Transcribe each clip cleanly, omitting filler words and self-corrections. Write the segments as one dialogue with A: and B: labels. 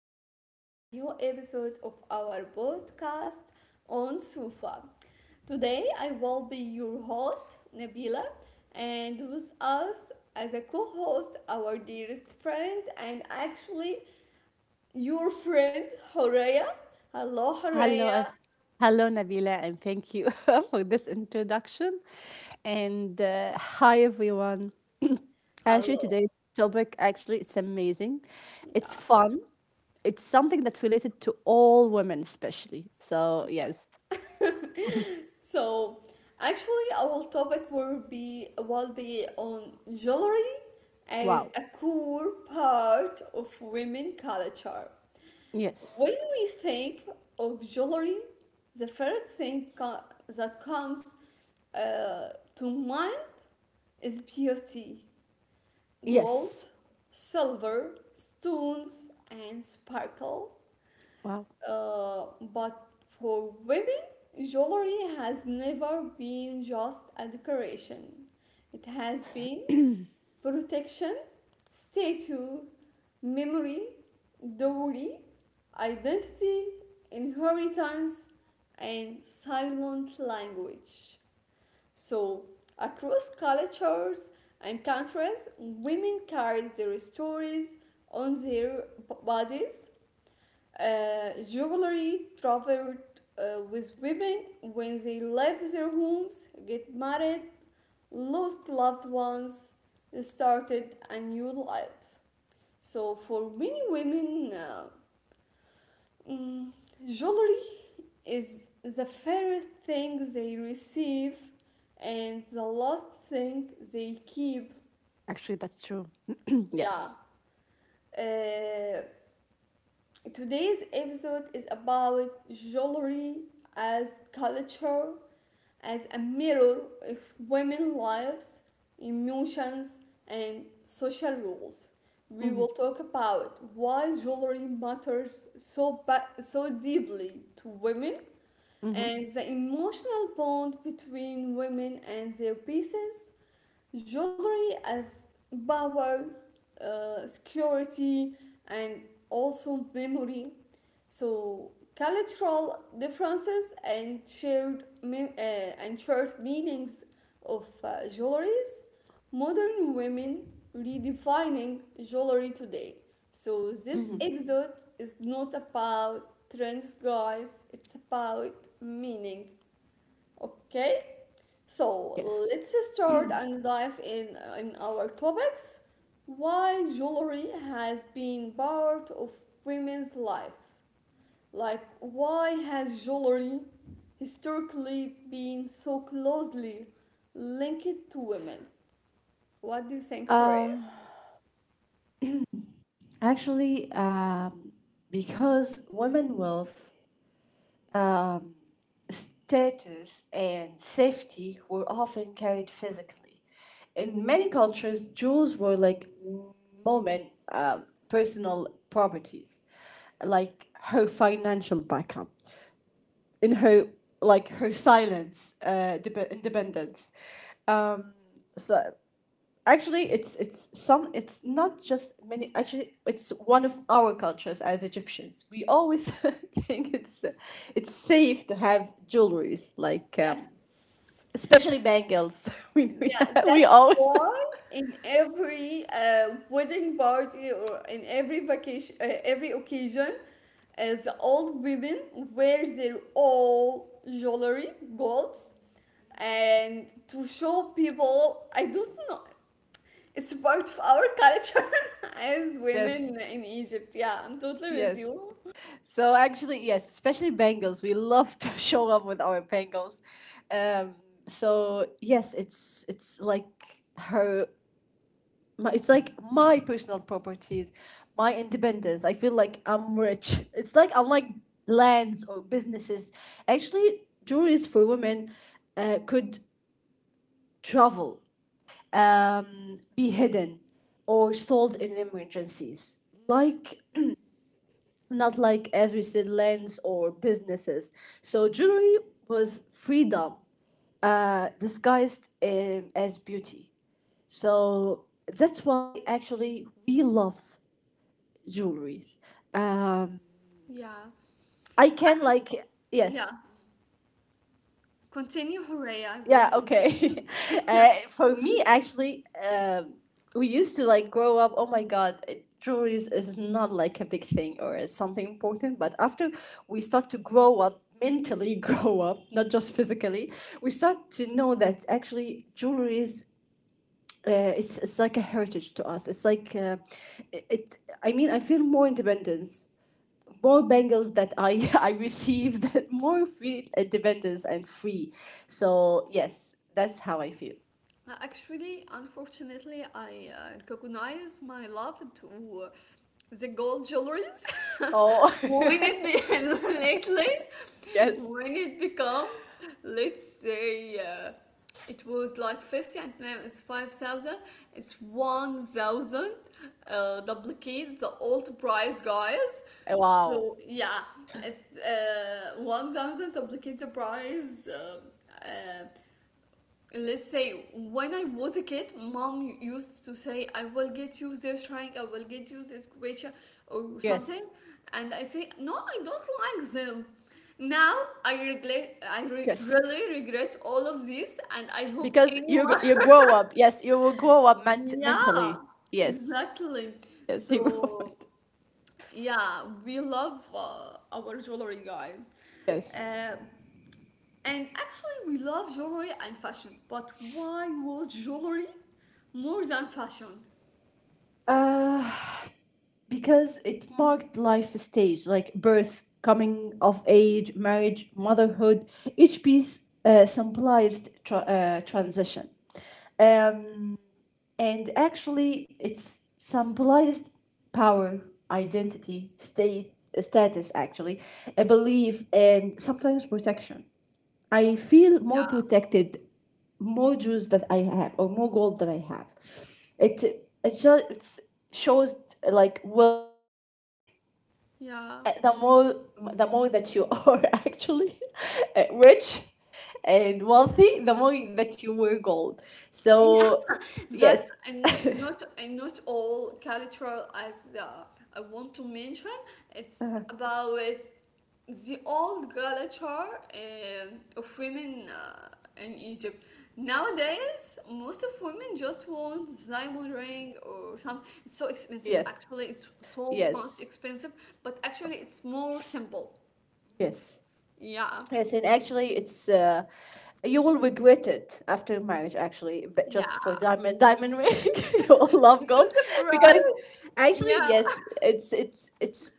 A: back to a new episode of our podcast on Sufa. Today, I will be your host, Nabila, and with us as a co host, our dearest friend, and actually your friend, Horea. Hello,
B: Hello,
A: Horea.
B: ev- Hello, Nabila, and thank you for this introduction. And hi everyone. Actually,
A: Hello.
B: today's topic actually it's amazing.
A: Yeah,
B: It's fun. It's something that's related to all women, especially. So
A: yep.
B: yes,
A: So actually our topic will be on jewelry as
B: wow.
A: a core part of women culture. When
B: Yes,
A: we think of jewelry, the first thing that comes uh, to mind is beauty, gold,
B: yes.
A: silver, stones, and sparkle.
B: Wow.
A: Uh, but for women, jewelry has never been just a decoration. It has been protection, statue, memory, dowry, identity, inheritance, and silent language. So, across cultures and countries, women carry their stories on their bodies. Jewelry traveled with women when they left their homes, get married, lost loved ones, started a new life. So for many women, mm, jewelry is the first thing they receive and the last thing they keep.
B: Actually, that's true.
A: Yeah.
B: Yes.
A: Uh, Today's episode is about jewelry as culture, as a mirror of women's lives, emotions, and social rules. We
B: Mm-hmm.
A: will talk about why jewelry matters so deeply to women
B: Mm-hmm.
A: and the emotional bond between women and their pieces, jewelry as power, security, and also memory. So cultural differences and shared meanings of jewelries. Modern women redefining jewelry today. So this episode is not about trends, guys. It's about meaning. Okay, so
B: Yes.
A: let's start and dive in our topics. Why jewelry has been part of women's lives. Like, why has jewelry historically been so closely linked to women? What do you think,
B: Uh,
A: Horea?
B: Actually, uh, because women wealth um, status and safety were often carried physically. In many cultures, jewels were like moment personal properties, like her financial backup, in her like her silence, independence. Um, so actually it's some it's not just many actually it's one of our cultures as Egyptians. We always think it's safe to have jewelries like
A: Yes.
B: especially bangles. we, we,
A: Yeah,
B: we
A: that's
B: always
A: why in every wedding party or in every vacation, every occasion, the old women wear their all jewelry, golds, and to show people. I don't know. It's part of our culture as
B: yes,
A: women in Egypt. Yeah, I'm totally with
B: yes.
A: you.
B: So actually, yes, especially bangles. We love to show up with our bangles. Um, so yes, it's like her my, it's like my personal properties, my independence. I feel like I'm rich. It's like unlike lands or businesses. Actually, jewelries for women could travel, be hidden, or sold in emergencies. Like not like as we said lands or businesses. So jewelry was freedom disguised as beauty. So that's why actually we love jewelries. Um,
A: Yeah,
B: I can like
A: yeah.
B: yes,
A: Continue, Horea. I
B: yeah,
A: will.
B: okay. For me, actually, we used to like grow up. Oh my God, jewelries is not like a big thing or is something important. But after we start to grow up mentally, grow up, not just physically, we start to know that actually jewelries. It's like a heritage to us. It's like it, it. I mean, I feel more independence more bangles that I I received, more feel independence and free. So yes, that's how I feel.
A: Actually, unfortunately, I recognize my love to the gold jewelries
B: Oh,
A: when it be lately,
B: yes.
A: when it become, let's say, it was like 50 and now it's 5,000, it's 1,000 duplicate the old price, guys.
B: Wow.
A: So, yeah, it's 1,000 duplicate the price. Uh, let's say when I was a kid, mom used to say, I will get you this rank, I will get you this quota or something.
B: Yes.
A: And I say, no, I don't like them. Now I
B: Yes.
A: really regret all of this, and I hope
B: Because
A: anyone.
B: you grow up. Yes, you will grow up
A: Yeah,
B: mentally. Yes.
A: exactly.
B: Yes, you grow up.
A: So yeah, we love our jewelry, guys.
B: Yes.
A: Uh, and actually, we love jewelry and fashion, but why was jewelry more than fashion?
B: Uh, because it marked life stage like birth, coming of age, marriage, motherhood. Each piece symbolized transition. Um, and actually, it's symbolized power, identity, status, actually, a belief, and sometimes protection. I feel more
A: Yeah,
B: protected, more jewels that I have, or more gold that I have. It shows like wealth or rank.
A: yeah,
B: Uh, The more the more that you are actually rich and wealthy, the more that you wear gold.
A: yeah.
B: So
A: that
B: yes,
A: and not and not all cultural as I want to mention it's about the old culture of women in Egypt. Nowadays most of women just want diamond ring or something. It's so expensive,
B: yes,
A: actually. It's so much
B: yes,
A: expensive, but actually it's more simple.
B: yes,
A: Yeah,
B: yes. And actually, it's you will regret it after marriage. Actually, but just for
A: yeah,
B: diamond ring, you will love gold
A: because the
B: because
A: price,
B: actually,
A: yeah.
B: yes, it's it's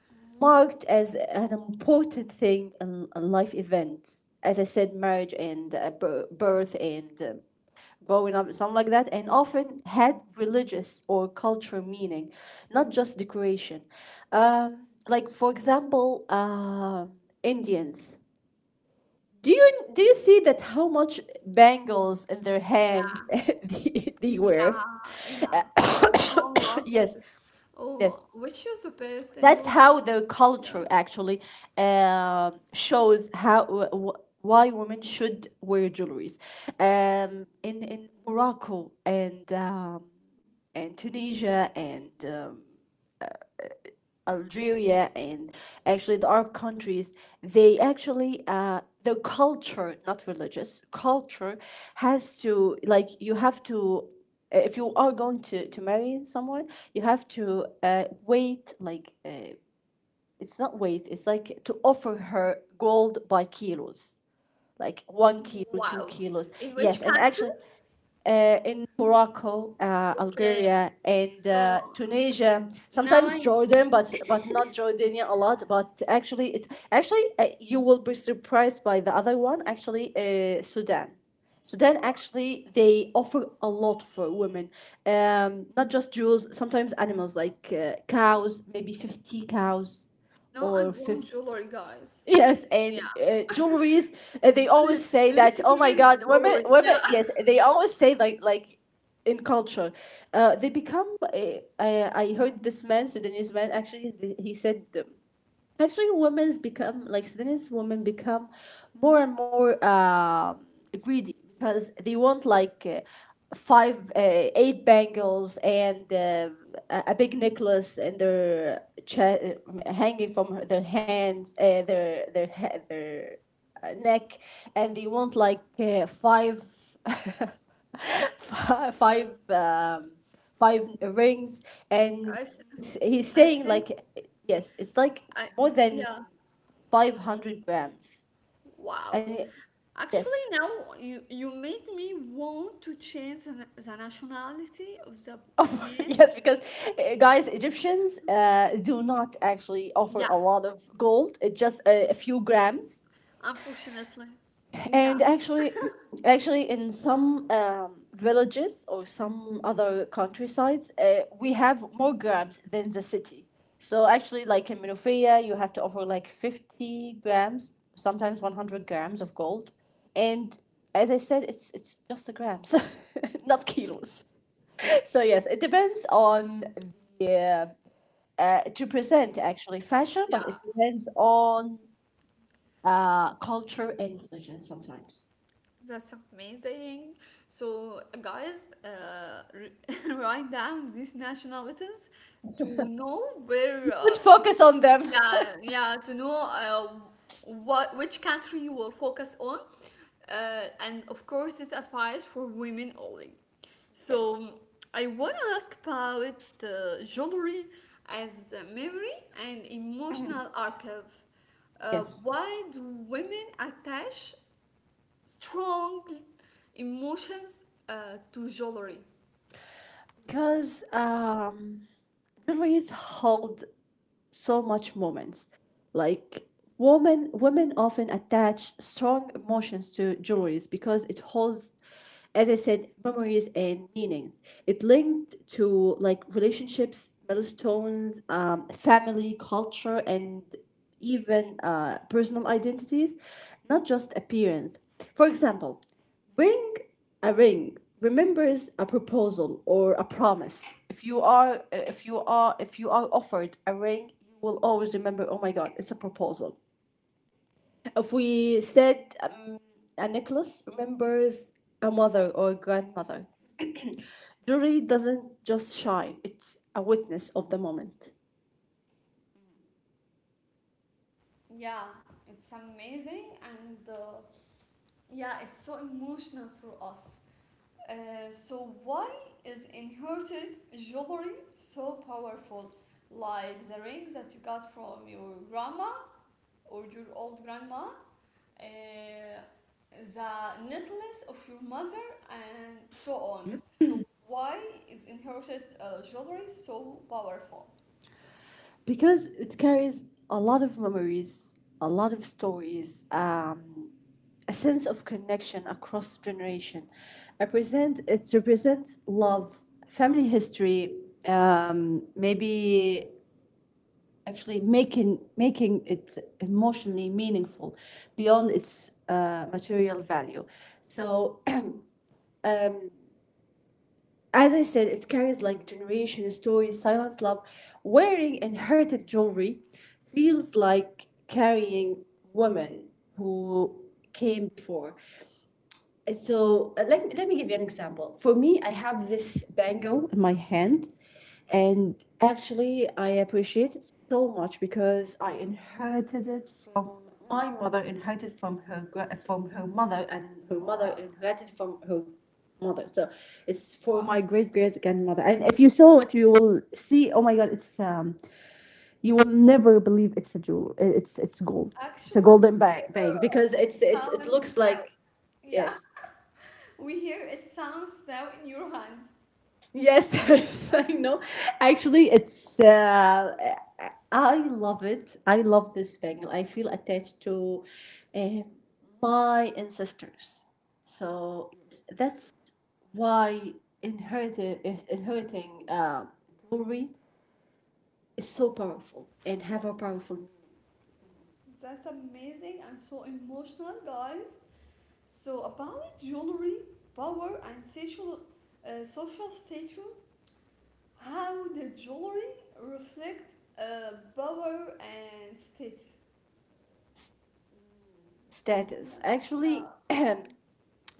B: marked as an important thing, a life event. As I said, marriage and birth and growing up, something like that, and often had religious or cultural meaning, not just decoration. Like for example, Indians. Do you see that how much bangles in their hands?
A: Yeah.
B: They wear?
A: Yeah, yeah. I, I'm so in love with
B: Yes,
A: this. Oh,
B: yes.
A: which is the best in your
B: That's
A: house?
B: how their
A: Yeah.
B: culture actually shows why women should wear jewelries. In Morocco and Tunisia and Algeria and actually the Arab countries, they actually their culture, not religious culture, has to like you have to if you are going to marry someone, you have to wait like it's not wait, it's like to offer her gold by kilos. Like 1 kilo, two
A: Wow.
B: kilos.
A: In which
B: Yes, and
A: country?
B: actually, in Morocco,
A: Okay.
B: Algeria, and
A: So
B: Tunisia.
A: now
B: Sometimes
A: I
B: Jordan, but not Jordania a lot. But actually, it's actually you will be surprised by the other one. Actually, Sudan. Sudan actually they offer a lot for women, not just jewels. Sometimes animals like cows, maybe 50 cows,
A: know I
B: or
A: want
B: 50.
A: jewelry, guys.
B: Yes,
A: Yeah.
B: and jewelries. They
A: L-
B: always say
A: Let's
B: that.
A: give
B: Oh my
A: it
B: God, women,
A: jewelry. Yeah.
B: women. Yes, they always say like in culture, they become. I heard this man, Sudanese man. Actually, he said actually women's become like Sudanese women become more and more greedy because they want like five eight bangles and a big necklace and their chest hanging from their hands their neck and they want like five five five rings
A: I,
B: and
A: s-
B: he's
A: I
B: saying
A: think
B: like yes it's like
A: I
B: more than
A: yeah,
B: 500 grams
A: wow.
B: and yes.
A: Actually now you made me want to change the, the nationality of the man.
B: Yes, because guys, Egyptians do not actually offer
A: Yeah.
B: a lot of gold. It's just a few grams.
A: Unfortunately. Yeah,
B: And actually, actually in some villages or some other countrysides we have more grams than the city. So actually like in Minofia you have to offer like 50 grams, sometimes 100 grams of gold. And as I said, it's just the grams, not kilos. So yes, it depends on the to present actually fashion, but
A: yeah,
B: it depends on culture and religion sometimes.
A: that's amazing. So, guys, write down these nationalities to know where
B: Would focus on them.
A: yeah, yeah, to know what which country you will focus on, and of course this advice for women only. So
B: Yes.
A: I want to ask about jewelry as a memory and emotional archive.
B: Yes.
A: Why do women attach strong emotions to jewelry?
B: Because Jewelries hold so much moments. Like women, women often attach strong emotions to jewelries because it holds, as I said, memories and meanings. It linked to like relationships, milestones, family, culture, and even personal identities, not just appearance. For example, Ring a ring remembers a proposal or a promise. If you are offered a ring, you will always remember, oh my God, it's a proposal. If we said A necklace remembers a mother or grandmother. Jewelry doesn't just shine, it's a witness of the moment.
A: Yeah, it's amazing and. Yeah, it's so emotional for us. So why is inherited jewelry so powerful, like the ring that you got from your grandma or your old grandma, uh, the necklace of your mother and so on? So why is inherited jewelry so powerful?
B: Because it carries a lot of memories, a lot of stories, a sense of connection across generation. Represent it represents love, family history, maybe actually making making it emotionally meaningful beyond its material value. So as I said, it carries like generation stories, silence, love. Wearing inherited jewelry feels like carrying women who came before. Let me give you an example. For me, I have this bango in my hand, and actually, I appreciate it so much because I inherited it from my mother, inherited from from her mother, and her mother
A: Wow.
B: inherited from her mother. So it's for
A: Wow,
B: my great great grandmother. And if you saw it, you will see. Oh my God! It's You will never believe it's a jewel. It's gold. It's a
A: actually here
B: bang because
A: it
B: it
A: sounds
B: looks
A: now.
B: like
A: Yeah.
B: yes.
A: We hear it sounds now in your hands.
B: Yes, yes, I know. Actually, it's I love it. I love this Bengal. I feel attached to uh, my ancestors. So yes, that's why inheriting inheriting jewelry is so powerful and
A: Yes,
B: have a powerful
A: that's amazing and so emotional, guys. So about jewelry, power, and social status, how the jewelry reflect power and status. Yeah,
B: status. Actually,
A: yeah,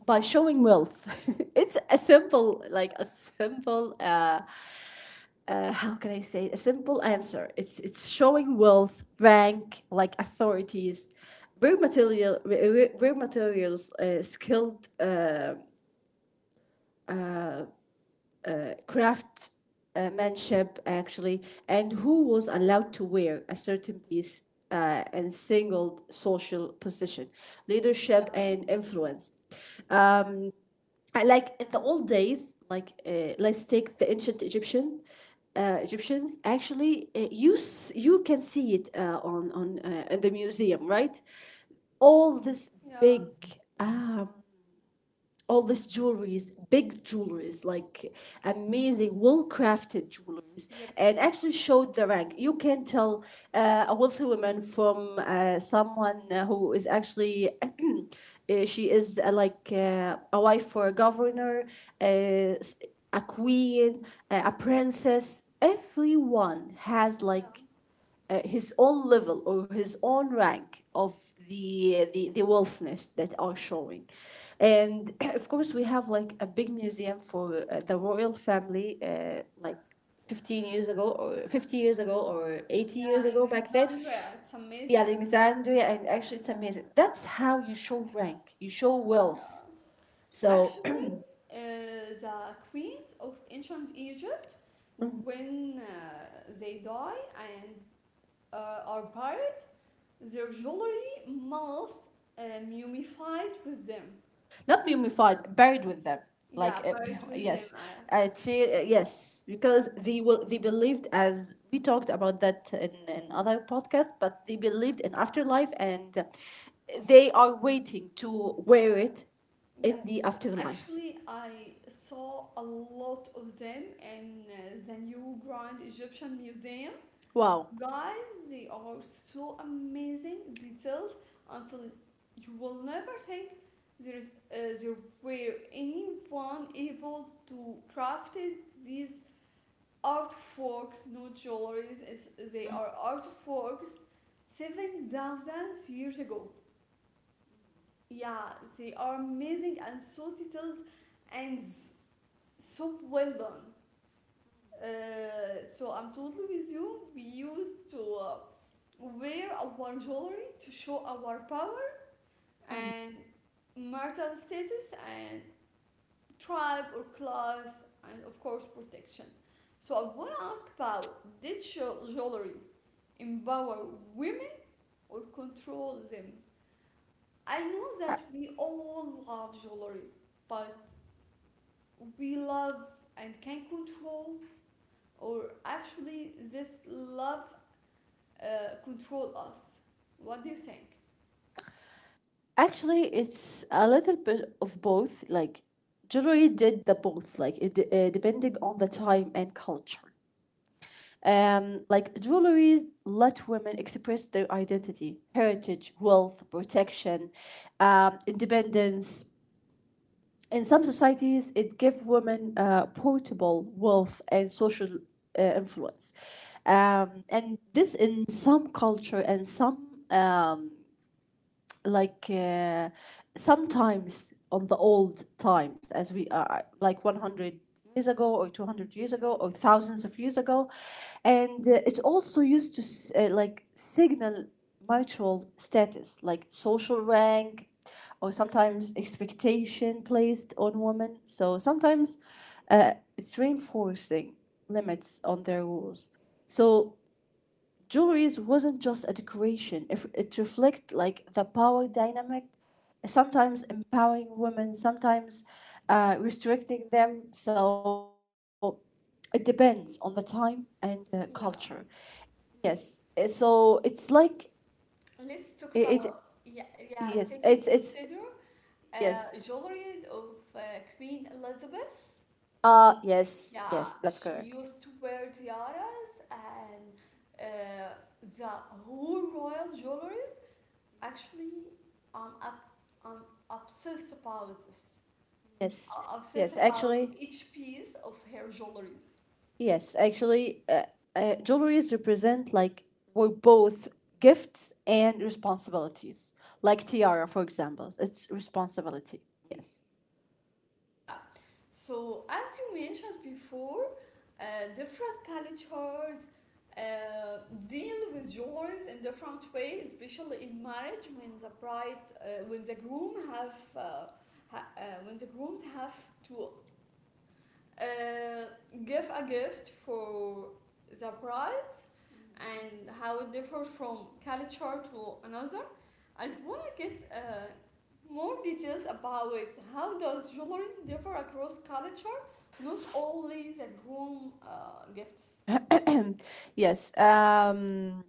B: by showing wealth, it's a simple like a simple how can I say a simple answer? It's showing wealth, rank, like authorities, rare materials, skilled craft. Manship actually and who was allowed to wear a certain piece and singled social position, leadership, and influence. Uh, I like in the old days, like let's take the ancient Egyptians. Actually, you can see it on in the museum, right? All this
A: yeah,
B: big all these jewelries, big jewelries, like amazing, well crafted jewelries,
A: yep,
B: and actually showed the rank. You can tell a wealthy woman from someone who is actually. She is a wife for a governor, uh, s- a queen, a princess. Everyone has like his own level or his own rank of the wolfness that are showing. And of course we have like a big museum for the royal family, like 15 years ago or 50 years ago or 80
A: yeah.
B: years
A: In
B: ago. Back then
A: Alexandria, it's
B: the
A: amazing.
B: Alexandria, and actually it's amazing. That's how you show rank, you show
A: Yeah.
B: wealth. So
A: Actually, the queens of ancient Egypt, when they die and are buried, their jewelry must mummified with them.
B: not mummified, buried with them. Like
A: Yeah,
B: uh,
A: buried with them.
B: yes, yes, because they will they believed as we talked about that in other podcast, but they believed in afterlife and they are waiting to wear it in
A: Yes.
B: the afterlife.
A: Actually, I saw a lot of them in the new Grand Egyptian Museum.
B: Wow.
A: Guys, they are so amazing, detailed, until you will never think there were anyone able to craft these artworks, not jewelries. It's, they are artworks 7,000 years ago. Yeah, they are amazing and so detailed and so well done. So I'm totally with you. We used to wear our jewelry to show our power and marital status and tribe or class, and of course, protection. So I want to ask about, did jewelry empower women or control them? I know
B: A-
A: that we all love jewelry, but we love and can control, or actually, this love control us. What do you think?
B: Actually, it's a little bit of both. Like, jewelry did the both, like, depending on the time and culture. Like jewelry, let women express their identity, heritage, wealth, protection, independence. In some societies, it gives women portable wealth and social influence. And this in some culture and some like uh, sometimes on the old times as we are like 100 years ago or 200 years ago or thousands of years ago. And it also used to s- like signal mutual status like social rank or sometimes expectation placed on women. So sometimes it's reinforcing limits on their rules. So jewelry wasn't just a decoration. If it reflected like the power dynamic, sometimes empowering women, sometimes restricting them. So it depends on the time and the culture.
A: Yeah,
B: Yes. So it's like it,
A: let's talk
B: it
A: about, yeah, yeah.
B: Yes, it's
A: Taking
B: it's
A: consider
B: yes.
A: jewelries of Queen Elizabeth.
B: Yes,
A: Yeah,
B: yes, that's
A: she
B: correct.
A: used to wear tiaras and uh, the whole royal jewelries. Actually, I'm up, I'm obsessed about this.
B: Yes.
A: I'm obsessed
B: Yes,
A: about
B: actually,
A: each piece of her jewelries.
B: yes, actually, jewelries represent like both gifts and responsibilities. Like tiara, for example, it's responsibility. Yes,
A: Yeah. So as you mentioned before, uh, different cultures uh, deal with jewelries in different ways, especially in marriage when the groom have, ha- uh, when the grooms have to uh, give a gift for the bride and how it differs from culture to another. I wanna get more details about it. How does jewelry differ across culture? Not only the groom gifts.
B: yes.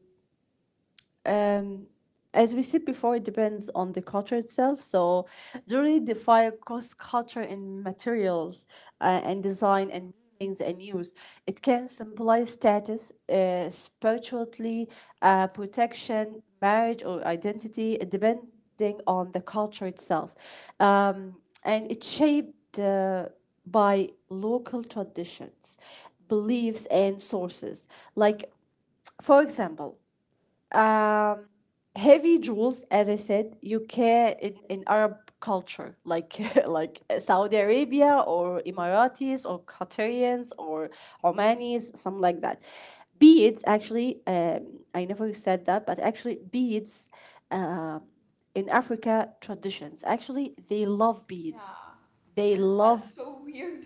B: um, as we said before, it depends on the culture itself. So jewelry defy cross culture in materials and design and meanings and use. It can symbolize status, spirituality, protection, marriage, or identity, depending on the culture itself. Um, and it's shaped by local traditions, beliefs, and sources. Like, for example, um, heavy jewels, as I said, you can in Arab culture, like like Saudi Arabia or Emiratis or Qatarians or Omanis, something like that. Beads, actually, I never said that, but actually, beads uh, in Africa traditions, actually, they love beads.
A: Yeah,
B: They
A: and that's
B: love.
A: so weird.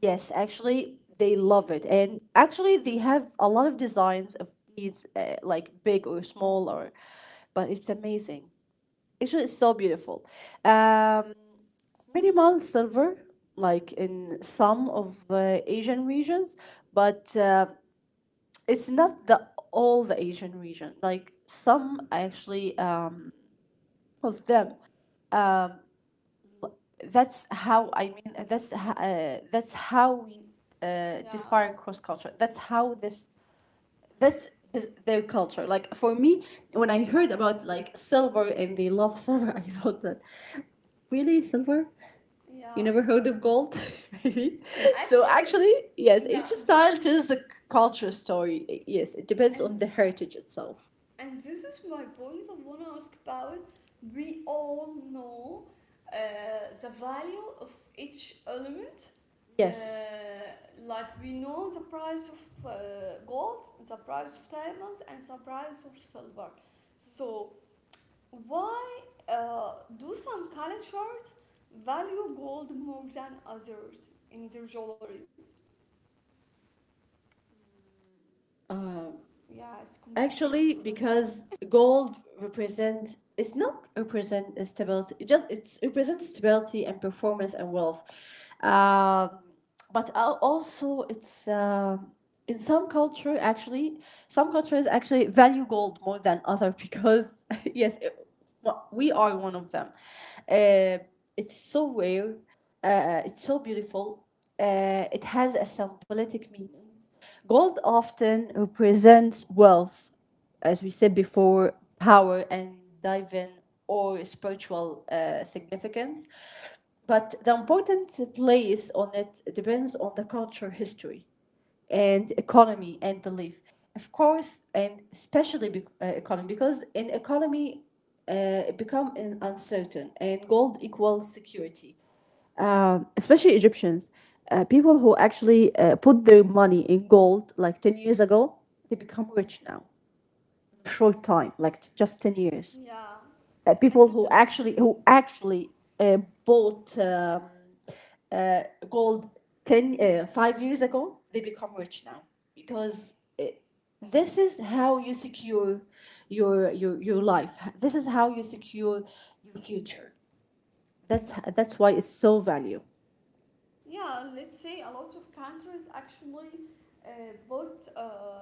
B: Yes, actually, they love it. And actually, they have a lot of designs of beads, like big or small, or but it's amazing. Actually, it's so beautiful. Um, minimal silver, like in some of Asian regions, but it's not the all the Asian region. Like some actually of them. That's how I mean. That's how we
A: Yeah,
B: define cross culture. That's how this that's his, their culture. Like for me, when I heard about like silver and they love silver, I thought that really silver. You
A: yeah.
B: never heard of gold, maybe. So
A: Actually,
B: actually, yes, each
A: yeah. This
B: style tells a culture story. Yes, it depends
A: and
B: on the heritage itself.
A: and this is my point I want to ask about. We all know the value of each element. Uh,
B: Yes.
A: like we know the price of gold, the price of diamonds, and the price of silver. So why do some cultures value gold more than others in their jewelries? Yeah, it's complicated
B: Actually,
A: question.
B: because gold represent it's not represent stability. It just it's represents stability and performance and wealth. Um, but also it's in some culture actually some cultures actually value gold more than other because yes it, well, we are one of them. Uh, it's so rare. It's so beautiful. It has a symbolic meaning. Gold often represents wealth, as we said before, power and divine or spiritual significance. But the important place on it depends on the culture, history, and economy and belief. Of course, and especially bec economy, because in economy, it become uncertain, and gold equals security especially Egyptians, people who actually put their money in gold like 10 years ago, they become rich now. Short time, like just 10 years.
A: Yeah, I
B: People
A: didn't.
B: who actually uh, bought gold 10 5 years ago, they become rich now because this is how you secure your life. This is how you secure your future. That's why it's so value.
A: Yeah, let's say a lot of countries actually bought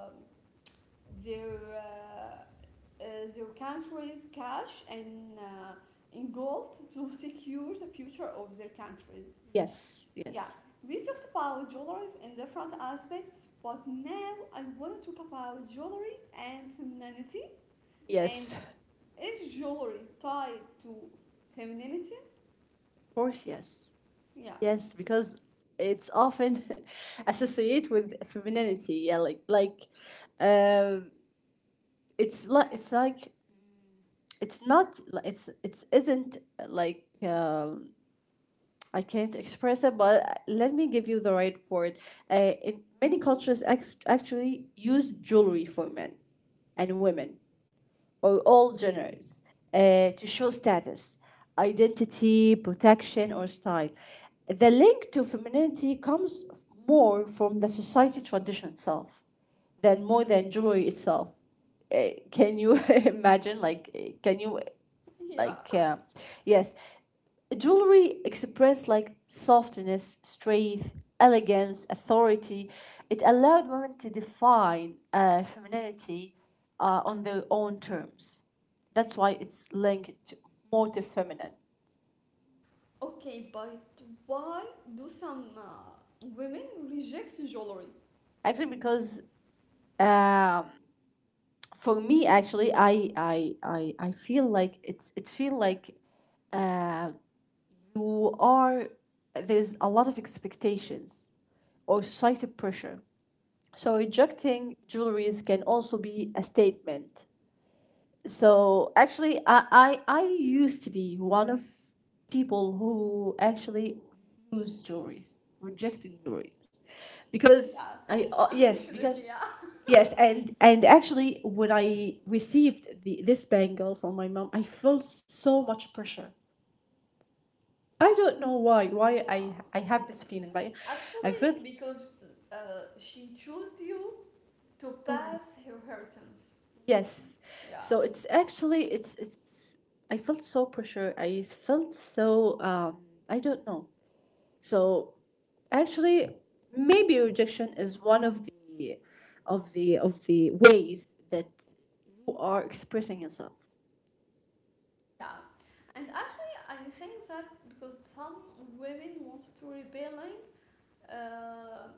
A: their uh, uh, their countries cash and in gold to secure the future of their countries.
B: Yes,
A: Yeah,
B: yes.
A: we talked about jewelries in different aspects, but now I want to talk about jewelry and femininity. And
B: Yes.
A: is jewelry tied to femininity?
B: Of course, yes.
A: Yeah,
B: Yes, because it's often associated with femininity. Yeah, like um it's like it's like it's not li- it's isn't like I can't express it, but let me give you the right word. In many cultures, actually use jewelry for men and women, or all genders to show status, identity, protection, or style. The link to femininity comes more from the society tradition itself than more than jewelry itself. Can you imagine? Like, can you,
A: yeah.
B: like, yes, jewelry expressed like softness, strength, elegance, authority. It allowed women to define femininity on their own terms. That's why it's linked to more to feminine.
A: Okay, but why do some women reject jewelry?
B: Actually, because um, for me, actually, I feel like it feel like uh, you are there's a lot of expectations or society pressure. So rejecting jewelries can also be a statement. So actually, I used to be one of people who actually use jewelries, rejecting jewelries, because
A: Yeah,
B: I yes
A: unfortunately,
B: because
A: yeah.
B: yes and actually when I received the this bangle from my mom, I felt so much pressure. I don't know why I
A: Wow.
B: I have this feeling, but I
A: Actually,
B: felt.
A: because she chose you to pass her inheritance.
B: Yes.
A: Yeah,
B: So it's actually it's I felt so pressure. I felt so I don't know. So actually maybe rejection is one of the of the of the ways that you are expressing yourself.
A: yeah. And actually, I think that because some women want to rebelling uh,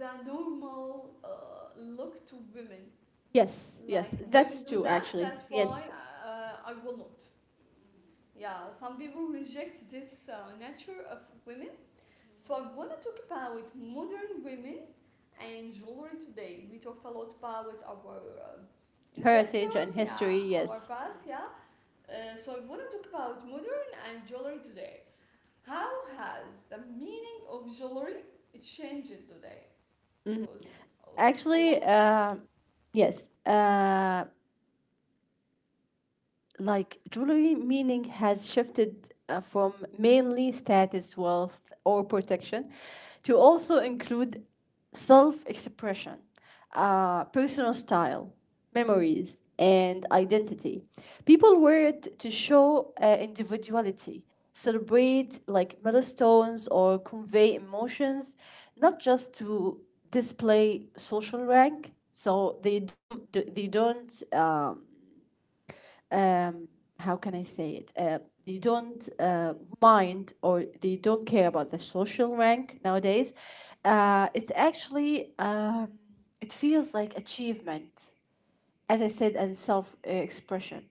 A: the normal look to women.
B: Yes, yes.
A: Like
B: That's
A: women do
B: true
A: that,
B: actually.
A: that's why
B: Yes.
A: I will not. Yeah, some people reject this nature of women. So I want to talk about modern women and jewelry today. We talked a lot about our
B: Heritage and
A: ancestors,
B: history,
A: yeah, our
B: yes.
A: past, yeah. So I want to talk about modern and jewelry today. How has the meaning of jewelry changed today? Because of a lot
B: Actually,
A: of things.
B: yes. Like jewelry meaning has shifted from mainly status, wealth, or protection to also include self expression, personal style, memories, and identity. People wear it to show individuality, celebrate like milestones, or convey emotions, not just to display social rank. So they don't. Um, how can I say it? They don't mind or they don't care about the social rank nowadays. It's actually it feels like achievement, as I said, and self expression,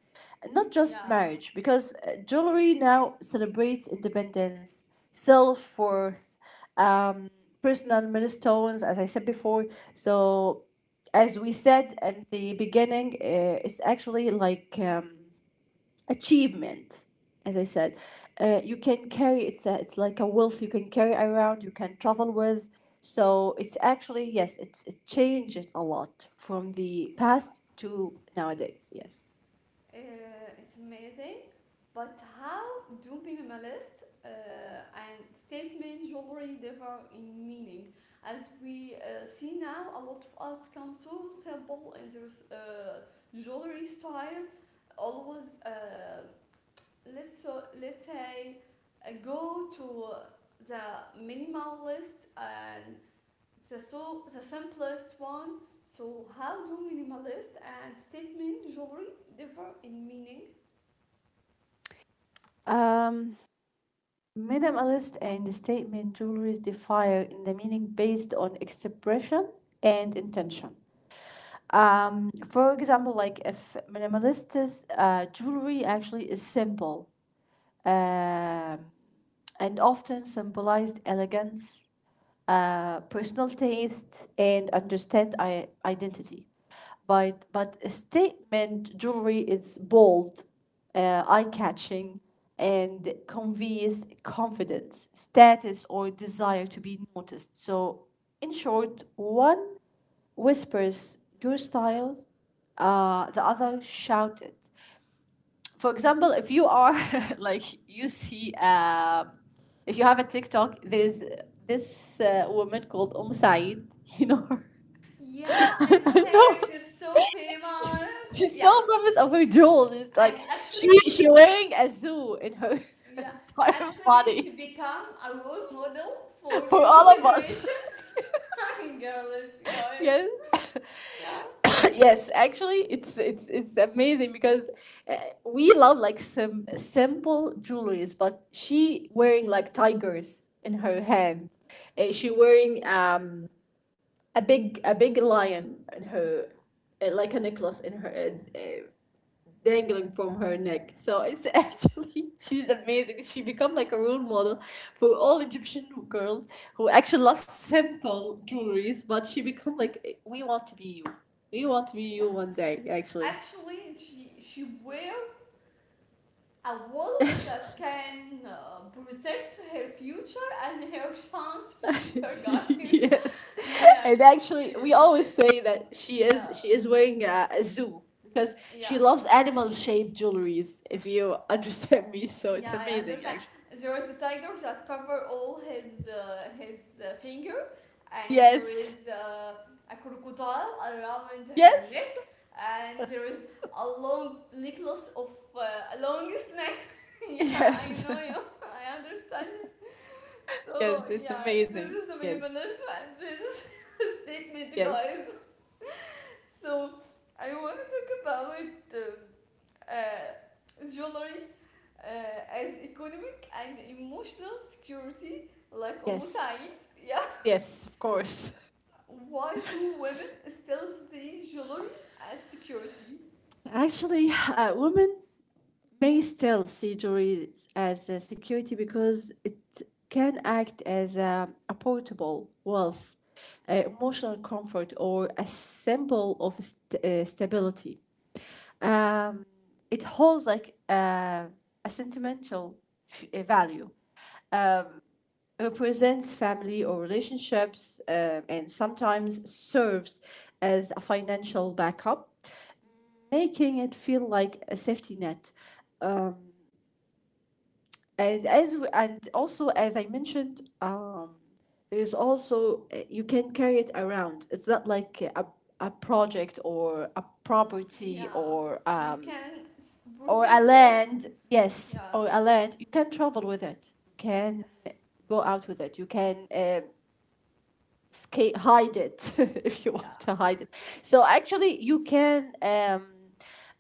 B: not just
A: Yeah,
B: marriage. Because jewelry now celebrates independence, self worth, um, personal milestones, as I said before. So as we said at the beginning, it's actually like achievement as I said, you can carry. It's a, it's like a wealth you can carry around, you can travel with. So it's actually, yes, it's it changed a lot from the
A: yeah.
B: past to nowadays, yes.
A: Uh, it's amazing. But how do minimalist and statement jewelry differ in meaning? As we see now, a lot of us become so simple in their jewelry style. Always, let's say, go to the minimalist and the so the simplest one. So how do minimalist and statement jewelry differ in meaning?
B: um, minimalist and the statement jewelries differ in the meaning based on expression and intention. For example, like if minimalist jewelry actually is simple, um and often symbolized elegance, personal taste, and understand identity. But statement jewelry is bold, eye catching, and conveys confidence, status, or desire to be noticed. So, in short, one whispers your style, the other shouted. For example, if you are like you see, if you have a TikTok, there's this woman called Saeed. You know her.
A: Yeah, I
B: I
A: know
B: know.
A: her. She's so famous.
B: She's
A: Yeah,
B: so famous over Joel. It's
A: and
B: like
A: actually, she,
B: she wearing a zoo in her
A: yeah,
B: entire
A: actually, she
B: body
A: become a role model for
B: for
A: new
B: all of us.
A: generation and girls, guys.
B: yes.
A: Yeah.
B: Yes, actually, it's amazing because uh, we love like some simple jewelries, but she wearing like tigers in her hand. She wearing a big lion in her like a necklace in her dangling from her neck. So it's actually she's amazing. She become like a role model for all Egyptian girls who actually love simple jewelries, but she become like "Eh, we want to be you. We want to be you one
A: Yes.
B: day, actually."
A: Actually, she wear a walls that can protect her future and her son's future, guys.
B: yes.
A: Yeah.
B: And actually we
A: She
B: always say that
A: yeah,
B: she is wearing a zoo because she
A: yeah.
B: loves animal shaped jewelries, if you understand me. So it's
A: Yeah, I
B: amazing
A: understand.
B: actually.
A: There is a tiger that cover all his finger, and there
B: Yes.
A: is a crocodile around her neck,
B: Yes.
A: and there
B: Yes.
A: is a long necklace of a long snake. Yeah, I
B: Yes.
A: know you. I understand. So
B: Yes, it's
A: yeah, this
B: amazing.
A: is the
B: Yes,
A: minimalism, and this is a statement,
B: yes,
A: guys. So I want to talk about jewelry as economic and emotional security, like
B: yes.
A: Said. Yeah.
B: Yes, of course.
A: Why do women still see jewelry as security?
B: Actually, women may still see jewelry as a security because it can act as a portable wealth, emotional comfort, or a symbol of stability. Um, it holds like a sentimental value, represents family or relationships and sometimes serves as a financial backup, making it feel like a safety net. And as we, and also as I mentioned, there's also you can carry it around. It's not like a project or a property
A: Yeah. You can
B: or a
A: protect it.
B: land. Yes,
A: Yeah.
B: or a land. You can travel with it. You can
A: Yes.
B: go out with it. You can skate hide it if you want to
A: Yeah.
B: hide it. So actually you can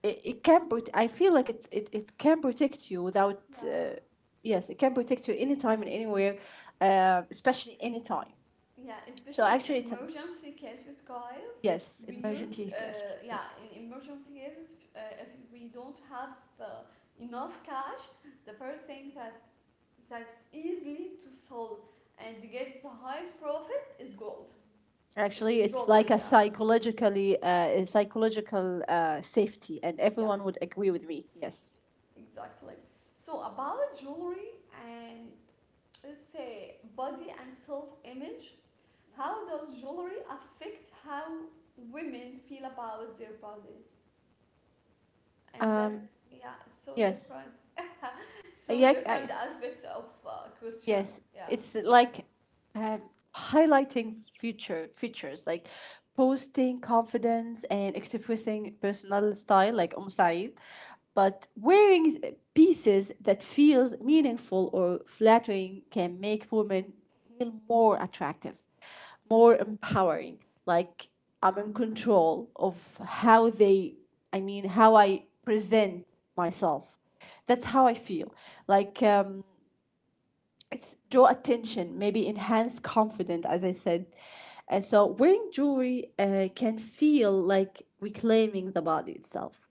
B: it, it can, but I feel like it's it can protect you without
A: Yeah.
B: yes it can protect you anytime and anywhere, especially anytime.
A: Yeah.
B: So
A: Especially
B: actually it's a
A: emergency cases, guys.
B: yes
A: We used
B: emergency cases
A: yeah,
B: yes
A: in emergency cases, if we don't have uh, enough cash, the first thing that that's easily to sell and get the highest profit is gold. It's
B: actually it's like
A: jewelry,
B: a
A: yeah.
B: psychologically a psychological safety, and
A: Yeah,
B: everyone would agree with me. Yes.
A: exactly. So about jewelry and, let's say, body and self-image, how does jewelry affect how women feel about their bodies and that?
B: um
A: Yeah, so
B: yes.
A: different.
B: yeah
A: So
B: I,
A: different aspects of
B: Yes,
A: questions, yeah.
B: it's like uh, highlighting future features like posting confidence and expressing personal style like Om Said, but wearing pieces that feels meaningful or flattering can make women feel more attractive, more empowering. Like I'm in control of I mean, how I present myself. That's how I feel. Like it's draw attention, maybe enhance confidence, as I said. And so wearing jewelry can feel like reclaiming the body itself.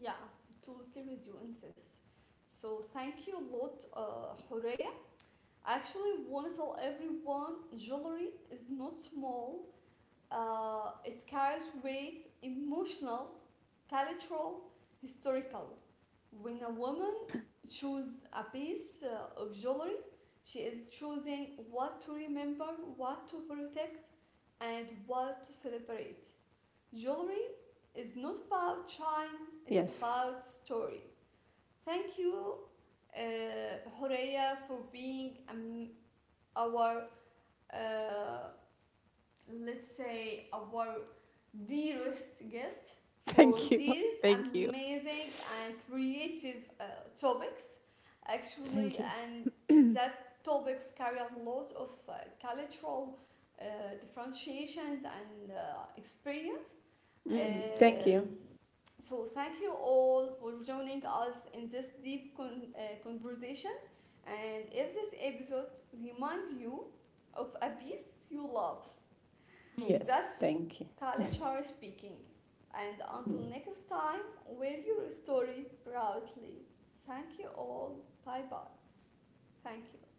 A: Yeah, totally with you in this. So thank you a lot, Horea. Actually want to tell everyone jewelry is not small. It carries weight emotional, cultural, historical. When a woman chooses a piece of jewelry, she is choosing what to remember, what to protect, and what to celebrate. Jewelry is
B: Yes.
A: not about shine, it's about story. Thank you, uh, Horea, for being our uh, let's say our dearest guest for
B: Thank you.
A: these
B: Thank you.
A: amazing and creative topics
B: Thank
A: actually.
B: you.
A: And that topics carry a lot of cultural uh, differentiations and experience. uh,
B: Hmm. Thank you.
A: so thank you all for joining us in this deep conversation. And if this episode remind you of a beast you love,
B: Yes,
A: that's
B: thank you.
A: Kalichar speaking. And
B: Mm.
A: until next time, wear your story proudly. Thank you all. Bye bye. Thank you.